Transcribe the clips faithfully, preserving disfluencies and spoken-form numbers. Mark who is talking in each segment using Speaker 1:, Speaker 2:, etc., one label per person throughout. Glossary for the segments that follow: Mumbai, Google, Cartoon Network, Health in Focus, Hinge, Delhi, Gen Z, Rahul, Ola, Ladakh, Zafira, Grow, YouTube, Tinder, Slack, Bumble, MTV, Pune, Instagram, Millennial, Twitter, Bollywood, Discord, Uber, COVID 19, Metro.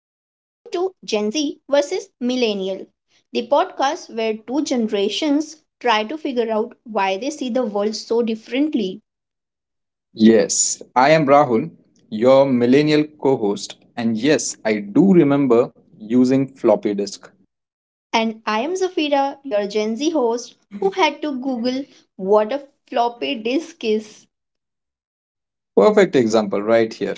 Speaker 1: Gen Z versus Millennial, the podcast where two generations try to figure out why they see the world so differently.
Speaker 2: Yes, I am Rahul, your millennial co host, and yes, I do remember using floppy disk.
Speaker 1: And I am Zafira, your Gen Z host, who had to Google what a floppy disk is.
Speaker 2: Perfect example right here.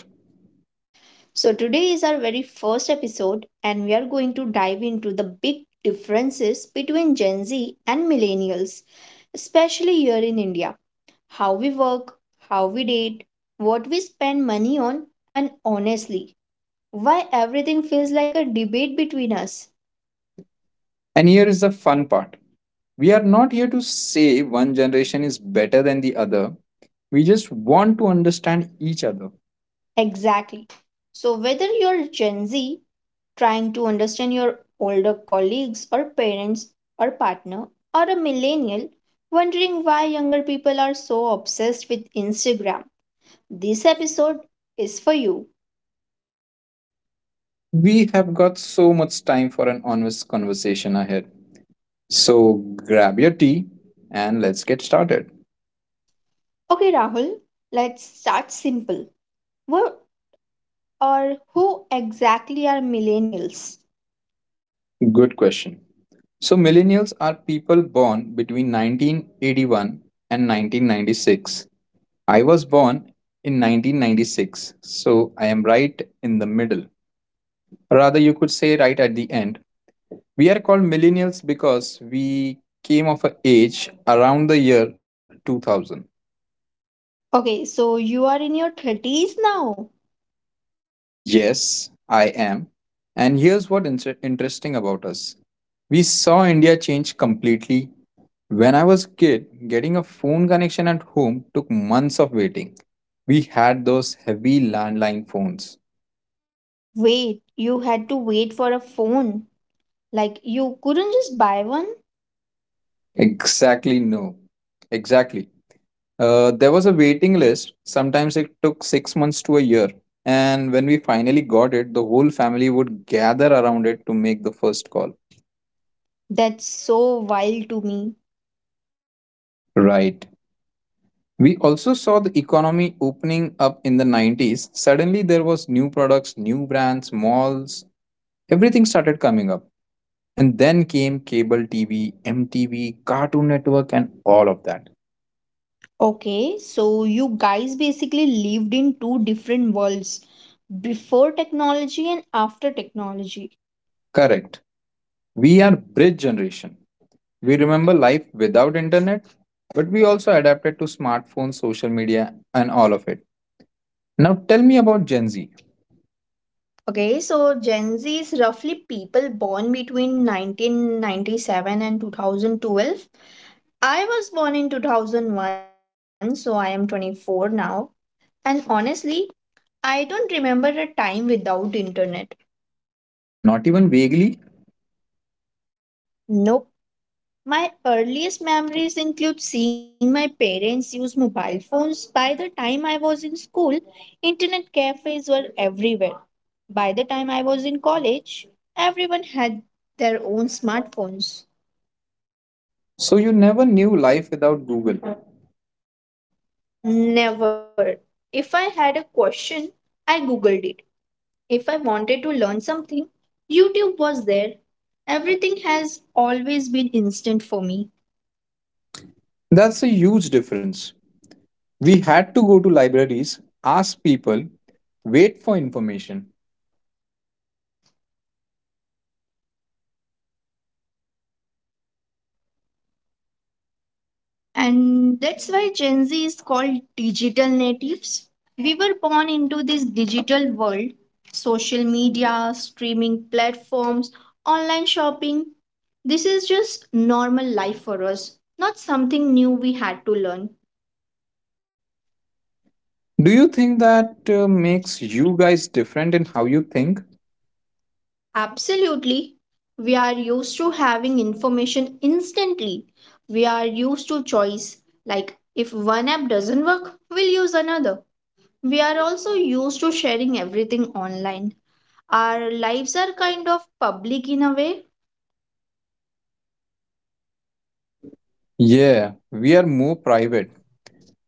Speaker 1: So, today is our very first episode, and we are going to dive into the big differences between Gen Z and Millennials, especially here in India. How we work, how we date, what we spend money on, and honestly, why everything feels like a debate between us.
Speaker 2: And here is the fun part, we are not here to say one generation is better than the other, we just want to understand each other.
Speaker 1: Exactly. So, whether you're Gen Z trying to understand your older colleagues or parents or partner, or a millennial wondering why younger people are so obsessed with Instagram, this episode is for you.
Speaker 2: We have got so much time for an honest conversation ahead. So grab your tea and let's get started.
Speaker 1: Okay, Rahul, let's start simple. What or who exactly are millennials?
Speaker 2: Good question. So, millennials are people born between nineteen eighty-one and nineteen ninety-six. I was born in nineteen ninety-six, so I am right in the middle. Rather, you could say right at the end. We are called millennials because we came of an age around the year two thousand.
Speaker 1: Okay, so you are in your thirties now.
Speaker 2: Yes, I am. And here's what inter- interesting about us. We saw India change completely. When I was a kid, getting a phone connection at home took months of waiting. We had those heavy landline phones.
Speaker 1: Wait, you had to wait for a phone. Like, you couldn't just buy one?
Speaker 2: Exactly, no. Exactly. Uh, there was a waiting list. Sometimes it took six months to a year. And when we finally got it, the whole family would gather around it to make the first call.
Speaker 1: That's so wild to me.
Speaker 2: Right. We also saw the economy opening up in the nineties. Suddenly there was new products, new brands, malls, everything started coming up. And then came cable T V, M T V, Cartoon Network, and all of that.
Speaker 1: Okay, so you guys basically lived in two different worlds, before technology and after technology.
Speaker 2: Correct. We are bridge generation. We remember life without internet, but we also adapted to smartphones, social media, and all of it. Now tell me about Gen Z.
Speaker 1: Okay, so Gen Z is roughly people born between nineteen ninety-seven and twenty twelve. I was born in twenty oh one, so I am twenty-four now. And honestly, I don't remember a time without internet.
Speaker 2: Not even vaguely.
Speaker 1: Nope. My earliest memories include seeing my parents use mobile phones. By the time I was in school, internet cafes were everywhere. By the time I was in college, everyone had their own smartphones.
Speaker 2: So you never knew life without Google.
Speaker 1: Never. If I had a question, I googled it. If I wanted to learn something, YouTube was there. Everything has always been instant for me.
Speaker 2: That's a huge difference. We had to go to libraries, ask people, wait for information.
Speaker 1: And that's why Gen Z is called digital natives. We were born into this digital world: social media, streaming platforms, online shopping. This is just normal life for us, not something new we had to learn.
Speaker 2: Do you think that uh, makes you guys different in how you think?
Speaker 1: Absolutely. We are used to having information instantly. We are used to choice. Like, if one app doesn't work, we'll use another. We are also used to sharing everything online. Our lives are kind of public in a way.
Speaker 2: Yeah, we are more private.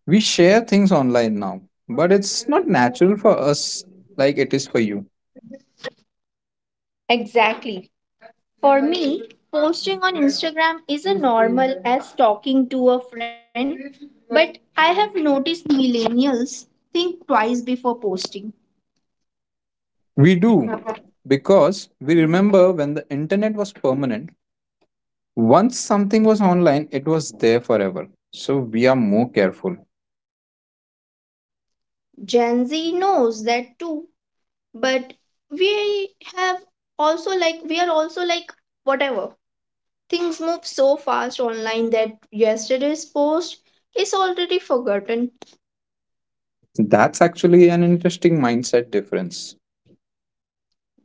Speaker 2: We share things online now, but it's not natural for us like it is for you.
Speaker 1: Exactly. For me, posting on Instagram is as normal as talking to a friend, but I have noticed millennials think twice before posting.
Speaker 2: We do because we remember when the internet was permanent, once something was online, it was there forever. So we are more careful.
Speaker 1: Gen Z knows that too, but we have also like we are also like whatever. Things move so fast online that yesterday's post is already forgotten.
Speaker 2: That's actually an interesting mindset difference.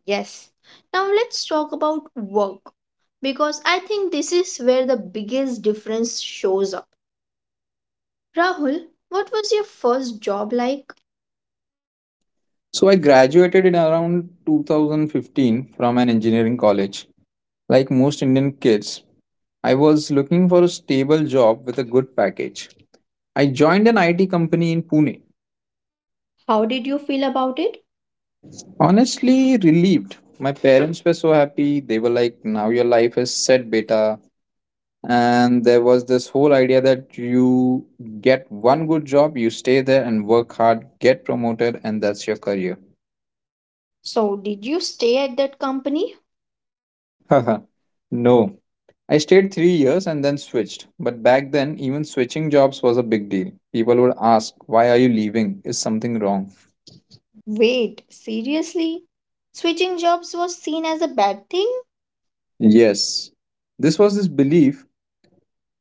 Speaker 1: Yes. Now let's talk about work because I think this is where the biggest difference shows up. Rahul, what was your first job like?
Speaker 2: So I graduated in around two thousand fifteen from an engineering college. Like most Indian kids, I was looking for a stable job with a good package. I joined an I T company in Pune.
Speaker 1: How did you feel about it?
Speaker 2: Honestly, relieved. My parents were so happy. They were like, now your life is set, beta. And there was this whole idea that you get one good job, you stay there and work hard, get promoted, and that's your career.
Speaker 1: So, did you stay at that company?
Speaker 2: Haha. No. I stayed three years and then switched. But back then, even switching jobs was a big deal. People would ask, why are you leaving? Is something wrong?
Speaker 1: Wait, seriously? Switching jobs was seen as a bad thing?
Speaker 2: Yes. This was this belief.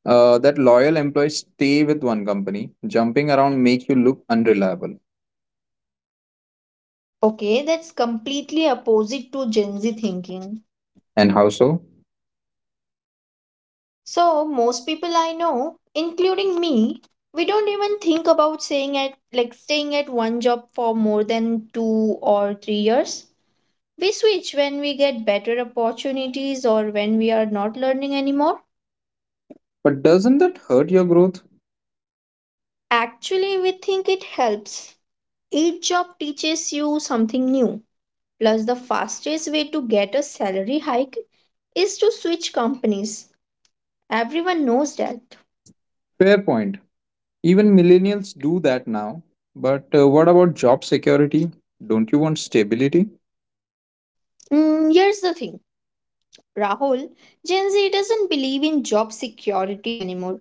Speaker 2: Uh, that loyal employees stay with one company. Jumping around make you look unreliable.
Speaker 1: Okay, that's completely opposite to Gen Z thinking.
Speaker 2: And how so?
Speaker 1: So most people I know, including me, we don't even think about saying at like staying at one job for more than two or three years. We switch when we get better opportunities or when we are not learning anymore.
Speaker 2: But doesn't that hurt your growth?
Speaker 1: Actually, we think it helps. Each job teaches you something new. Plus, the fastest way to get a salary hike is to switch companies. Everyone knows that.
Speaker 2: Fair point. Even millennials do that now. But uh, what about job security? Don't you want stability?
Speaker 1: Mm, here's the thing, Rahul, Gen Z doesn't believe in job security anymore.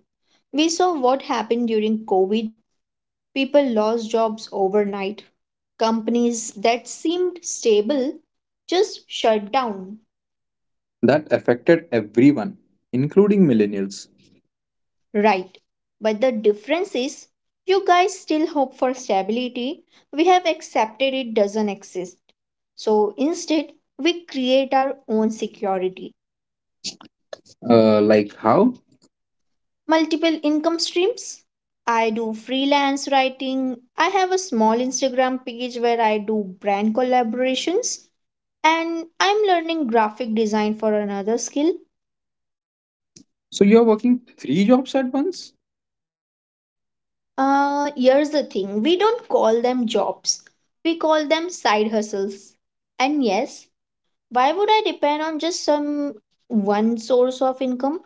Speaker 1: We saw what happened during COVID. People lost jobs overnight. Companies that seemed stable just shut down.
Speaker 2: That affected everyone, including millennials.
Speaker 1: Right. But the difference is, you guys still hope for stability. We have accepted it doesn't exist. So instead, we create our own security.
Speaker 2: Uh, like how?
Speaker 1: Multiple income streams. I do freelance writing. I have a small Instagram page where I do brand collaborations. And I'm learning graphic design for another skill.
Speaker 2: So you're working three jobs at once?
Speaker 1: Uh, here's the thing, we don't call them jobs, we call them side hustles. And yes, why would I depend on just some one source of income?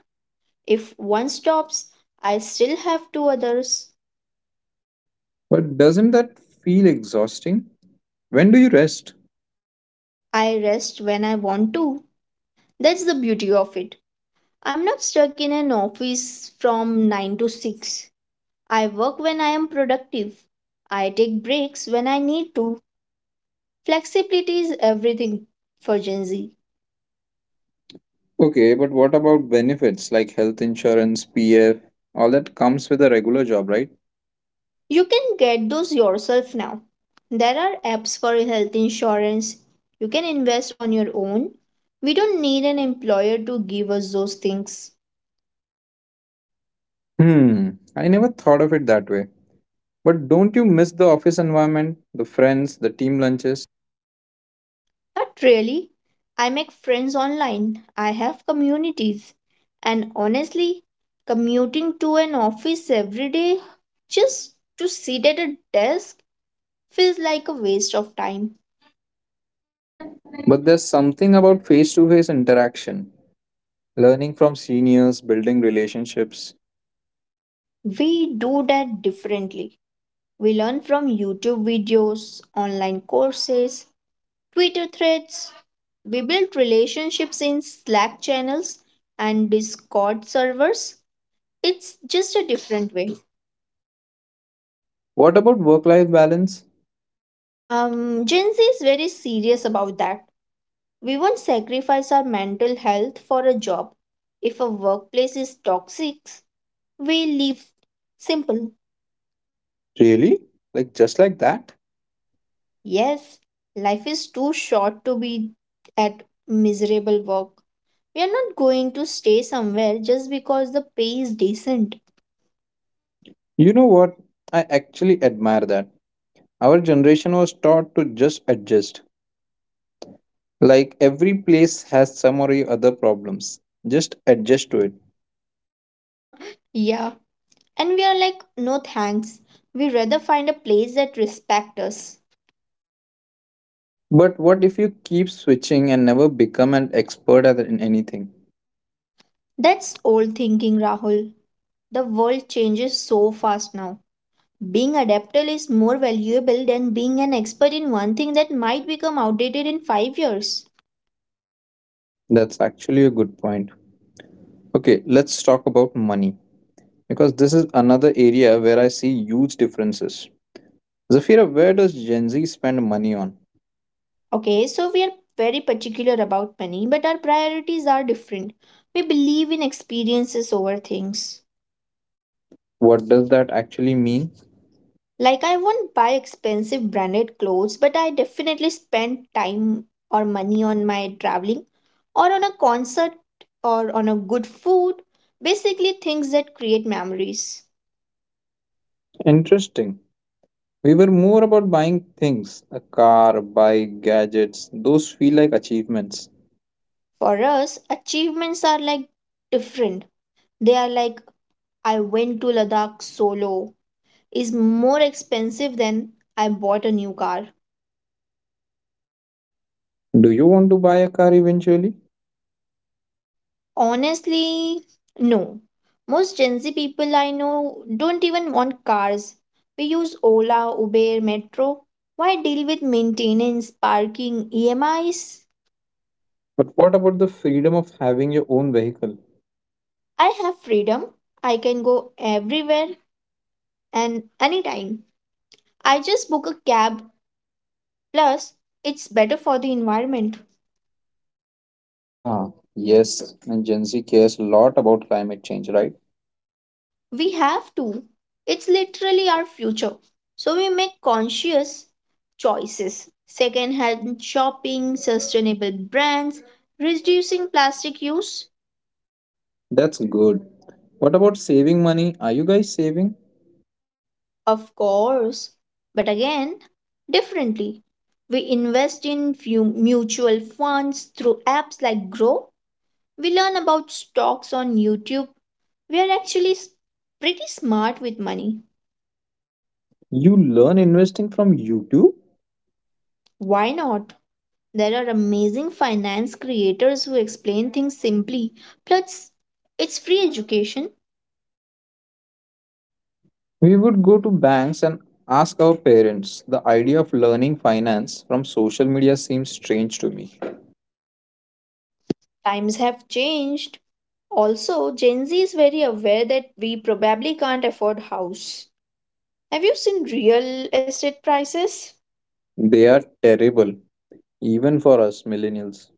Speaker 1: If one stops, I still have two others.
Speaker 2: But doesn't that feel exhausting? When do you rest?
Speaker 1: I rest when I want to. That's the beauty of it. I'm not stuck in an office from nine to six. I work when I am productive. I take breaks when I need to. Flexibility is everything for Gen Z.
Speaker 2: Okay, but what about benefits like health insurance, P F? All that comes with a regular job, right?
Speaker 1: You can get those yourself now. There are apps for health insurance. You can invest on your own. We don't need an employer to give us those things.
Speaker 2: Hmm, I never thought of it that way. But don't you miss the office environment, the friends, the team lunches?
Speaker 1: Not really. I make friends online. I have communities. And honestly, commuting to an office every day just to sit at a desk feels like a waste of time.
Speaker 2: But there's something about face to face interaction, learning from seniors, building relationships.
Speaker 1: We do that differently. We learn from YouTube videos, online courses, Twitter threads. We build relationships in Slack channels and Discord servers. It's just a different way.
Speaker 2: What about work life balance?
Speaker 1: Um, Gen Z is very serious about that. We won't sacrifice our mental health for a job. If a workplace is toxic, we leave. Simple.
Speaker 2: Really? Like just like that?
Speaker 1: Yes, life is too short to be at miserable work. We are not going to stay somewhere just because the pay is decent.
Speaker 2: You know what? I actually admire that. Our generation was taught to just adjust, like every place has some or other problems. Just adjust to it.
Speaker 1: Yeah, and we are like, no thanks. We rather find a place that respects us.
Speaker 2: But what if you keep switching and never become an expert at in anything?
Speaker 1: That's old thinking, Rahul. The world changes so fast now. Being adaptable is more valuable than being an expert in one thing that might become outdated in five years.
Speaker 2: That's actually a good point. Okay, let's talk about money because this is another area where I see huge differences. Zafira, where does Gen Z spend money on?
Speaker 1: Okay, so we are very particular about money, but our priorities are different. We believe in experiences over things.
Speaker 2: What does that actually mean?
Speaker 1: Like, I won't buy expensive branded clothes, but I definitely spend time or money on my traveling or on a concert or on a good food. Basically, things that create memories.
Speaker 2: Interesting. We were more about buying things, a car, a bike, gadgets. Those feel like achievements.
Speaker 1: For us, achievements are like different they are like I went to Ladakh solo is more expensive than I bought a new car.
Speaker 2: Do you want to buy a car eventually?
Speaker 1: Honestly, no. Most Gen Z people I know don't even want cars. We use Ola, Uber, Metro. Why deal with maintenance, parking, E M Is?
Speaker 2: But what about the freedom of having your own vehicle?
Speaker 1: I have freedom. I can go everywhere and anytime. I just book a cab. Plus, it's better for the environment.
Speaker 2: Ah, yes, and Gen Z cares a lot about climate change, right?
Speaker 1: We have to. It's literally our future. So we make conscious choices. Second hand shopping, sustainable brands, reducing plastic use.
Speaker 2: That's good. What about saving money? Are you guys saving?
Speaker 1: Of course. But again, differently. We invest in few mutual funds through apps like Grow. We learn about stocks on YouTube. We are actually s- pretty smart with money.
Speaker 2: You learn investing from YouTube?
Speaker 1: Why not? There are amazing finance creators who explain things simply. Plus, it's free education.
Speaker 2: We would go to banks and ask our parents. The idea of learning finance from social media seems strange to me.
Speaker 1: Times have changed. Also, Gen Z is very aware that we probably can't afford house. Have you seen real estate prices?
Speaker 2: They are terrible, even for us millennials.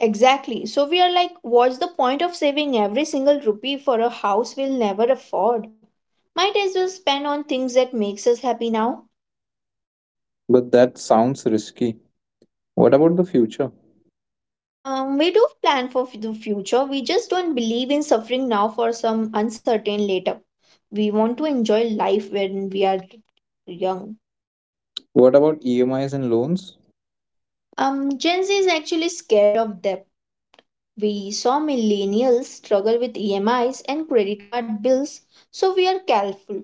Speaker 1: Exactly. So we are like, what's the point of saving every single rupee for a house we'll never afford? Might as well spend on things that makes us happy now.
Speaker 2: But that sounds risky. What about the future?
Speaker 1: Um, we do plan for f- the future. We just don't believe in suffering now for some uncertain later. We want to enjoy life when we are young.
Speaker 2: What about E M Is and loans?
Speaker 1: Um, Gen Z is actually scared of debt. We saw millennials struggle with E M Is and credit card bills, so we are careful.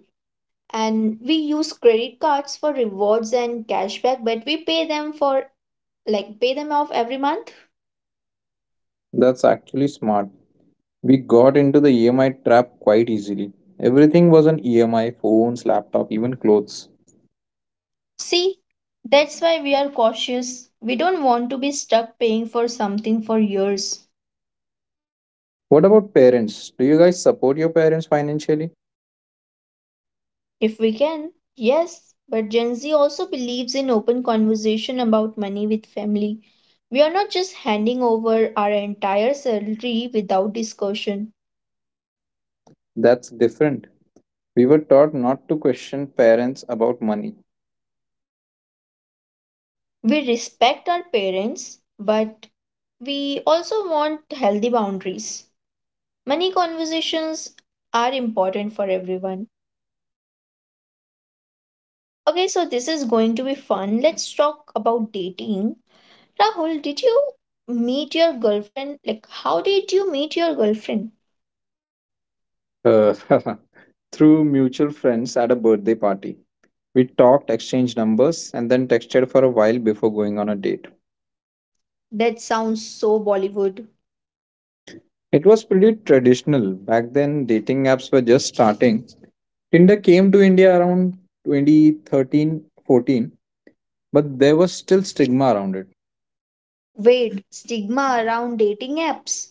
Speaker 1: And we use credit cards for rewards and cashback, but we pay them for like pay them off every month.
Speaker 2: That's actually smart. We got into the E M I trap quite easily. Everything was an E M I, phones, laptop, even clothes.
Speaker 1: See, that's why we are cautious. We don't want to be stuck paying for something for years.
Speaker 2: What about parents? Do you guys support your parents financially?
Speaker 1: If we can, yes, but Gen Z also believes in open conversation about money with family. We are not just handing over our entire salary without discussion.
Speaker 2: That's different. We were taught not to question parents about money.
Speaker 1: We respect our parents, but we also want healthy boundaries. Money conversations are important for everyone. Okay, so this is going to be fun. Let's talk about dating. Rahul, did you meet your girlfriend? Like, how did you meet your girlfriend?
Speaker 2: Uh, through mutual friends at a birthday party. We talked, exchanged numbers, and then texted for a while before going on a date.
Speaker 1: That sounds so Bollywood.
Speaker 2: It was pretty traditional. Back then, dating apps were just starting. Tinder came to India around twenty thirteen, fourteen. But there was still stigma around it.
Speaker 1: Wait, stigma around dating apps.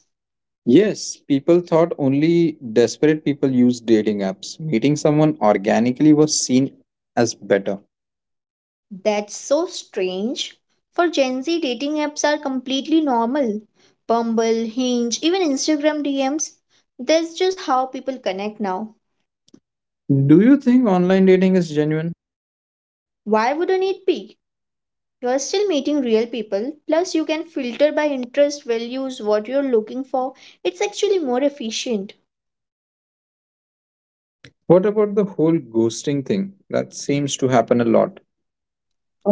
Speaker 2: Yes, people thought only desperate people used dating apps. Meeting someone organically was seen as better.
Speaker 1: That's so strange. For Gen Z, dating apps are completely normal. Bumble, Hinge, even Instagram D Ms. That's just how people connect now.
Speaker 2: Do you think online dating is genuine?
Speaker 1: Why wouldn't it be? You're still meeting real people, plus, you can filter by interest, values, what you're looking for. It's actually more efficient.
Speaker 2: What about the whole ghosting thing? That seems to happen a lot.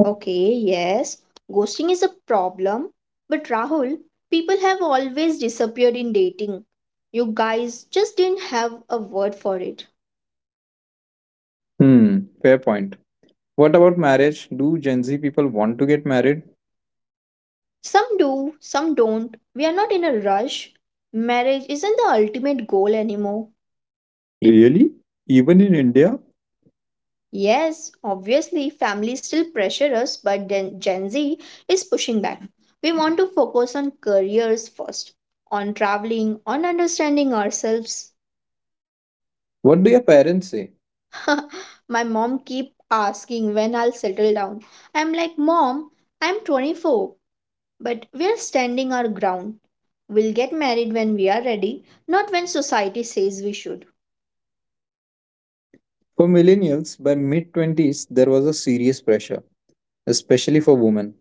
Speaker 1: Okay, yes, ghosting is a problem. But Rahul, people have always disappeared in dating. You guys just didn't have a word for it.
Speaker 2: Hmm, fair point. What about marriage? Do Gen Z people want to get married?
Speaker 1: Some do, some don't. We are not in a rush. Marriage isn't the ultimate goal anymore.
Speaker 2: Really? Even in India?
Speaker 1: Yes, obviously, families still pressure us, but then Gen Z is pushing back. We want to focus on careers first, on traveling, on understanding ourselves.
Speaker 2: What do your parents say?
Speaker 1: My mom keep asking when I'll settle down. I'm like, "Mom, I'm twenty-four" but we're standing our ground. We'll get married when we are ready, not when society says we should.
Speaker 2: For millennials, by mid twenties, there was a serious pressure, especially for women.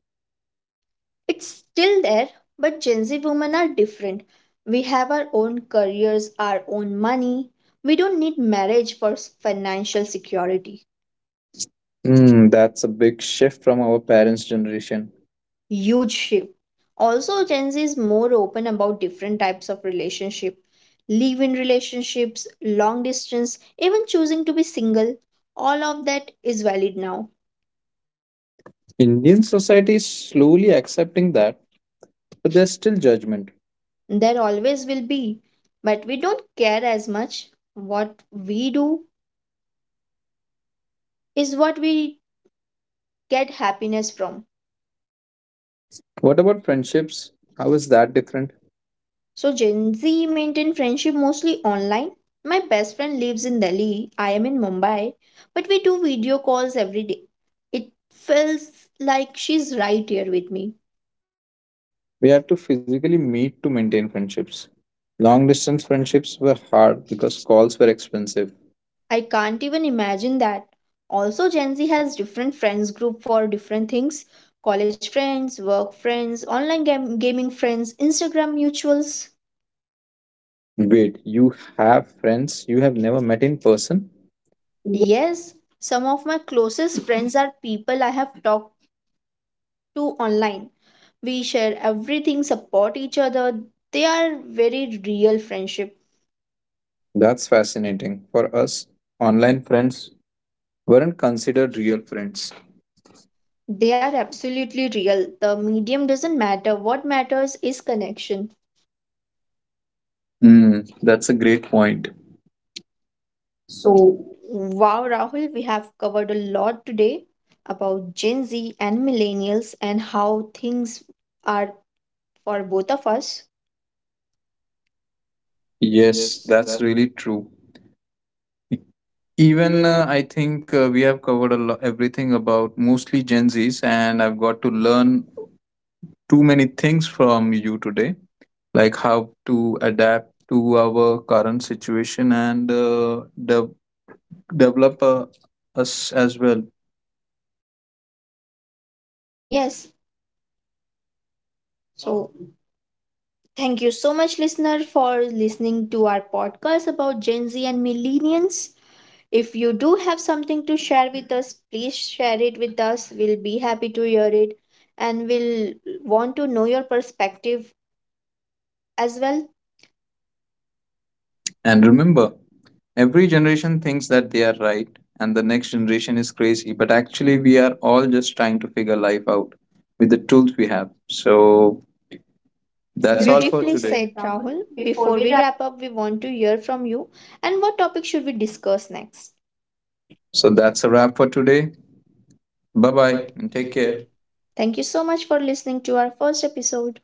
Speaker 1: It's still there, but Gen Z women are different. We have our own careers, our own money. We don't need marriage for s- financial security.
Speaker 2: Hmm, that's a big shift from our parents' generation.
Speaker 1: Huge shift. Also, Gen Z is more open about different types of relationship, live-in relationships, long distance, even choosing to be single. All of that is valid now.
Speaker 2: Indian society is slowly accepting that, but there's still judgment.
Speaker 1: There always will be, but we don't care as much. What we do is what we get happiness from.
Speaker 2: What about friendships? How is that different?
Speaker 1: So Gen Z maintain friendship mostly online. My best friend lives in Delhi, I am in Mumbai, but we do video calls every day. It feels like she's right here with me.
Speaker 2: We had to physically meet to maintain friendships. Long distance friendships were hard because calls were expensive.
Speaker 1: I can't even imagine that. Also Gen Z has different friends group for different things. College friends, work friends, online gam- gaming friends, Instagram mutuals.
Speaker 2: Wait, you have friends you have never met in person?
Speaker 1: Yes, some of my closest friends are people I have talked to online. We share everything, support each other. They are very real friendship.
Speaker 2: That's fascinating. For us, online friends weren't considered real friends.
Speaker 1: They are absolutely real. The medium doesn't matter. What matters is connection.
Speaker 2: Hmm, that's a great point. So,
Speaker 1: Wow, Rahul, we have covered a lot today about Gen Z and millennials, and how things are for both of us.
Speaker 2: yes,
Speaker 1: Yes,
Speaker 2: that's
Speaker 1: that
Speaker 2: really true. E- Even
Speaker 1: even
Speaker 2: uh, I think uh, we have covered a lo- everything about mostly Gen Zs, and I've got to learn too many things from you today, like how to adapt to our current situation and uh, de- develop uh, us as well.
Speaker 1: yes so thank you so much, listener, for listening to our podcast about Gen Z and millennials. If you do have something to share with us, please share it with us. We'll be happy to hear it, and we'll want to know your perspective as well.
Speaker 2: And remember, every generation thinks that they are right and the next generation is crazy, but actually, we are all just trying to figure life out with the tools we have. So,
Speaker 1: That's all for
Speaker 2: that's all for
Speaker 1: Beautifully for today.
Speaker 2: today.
Speaker 1: Said, Rahul. Before we wrap up, we want to hear from you, and what topic should we discuss next?
Speaker 2: So that's a wrap for today. Bye
Speaker 1: Bye
Speaker 2: bye
Speaker 1: bye.
Speaker 2: and take
Speaker 1: Take
Speaker 2: care.
Speaker 1: care. Thank you so much for listening to our first episode.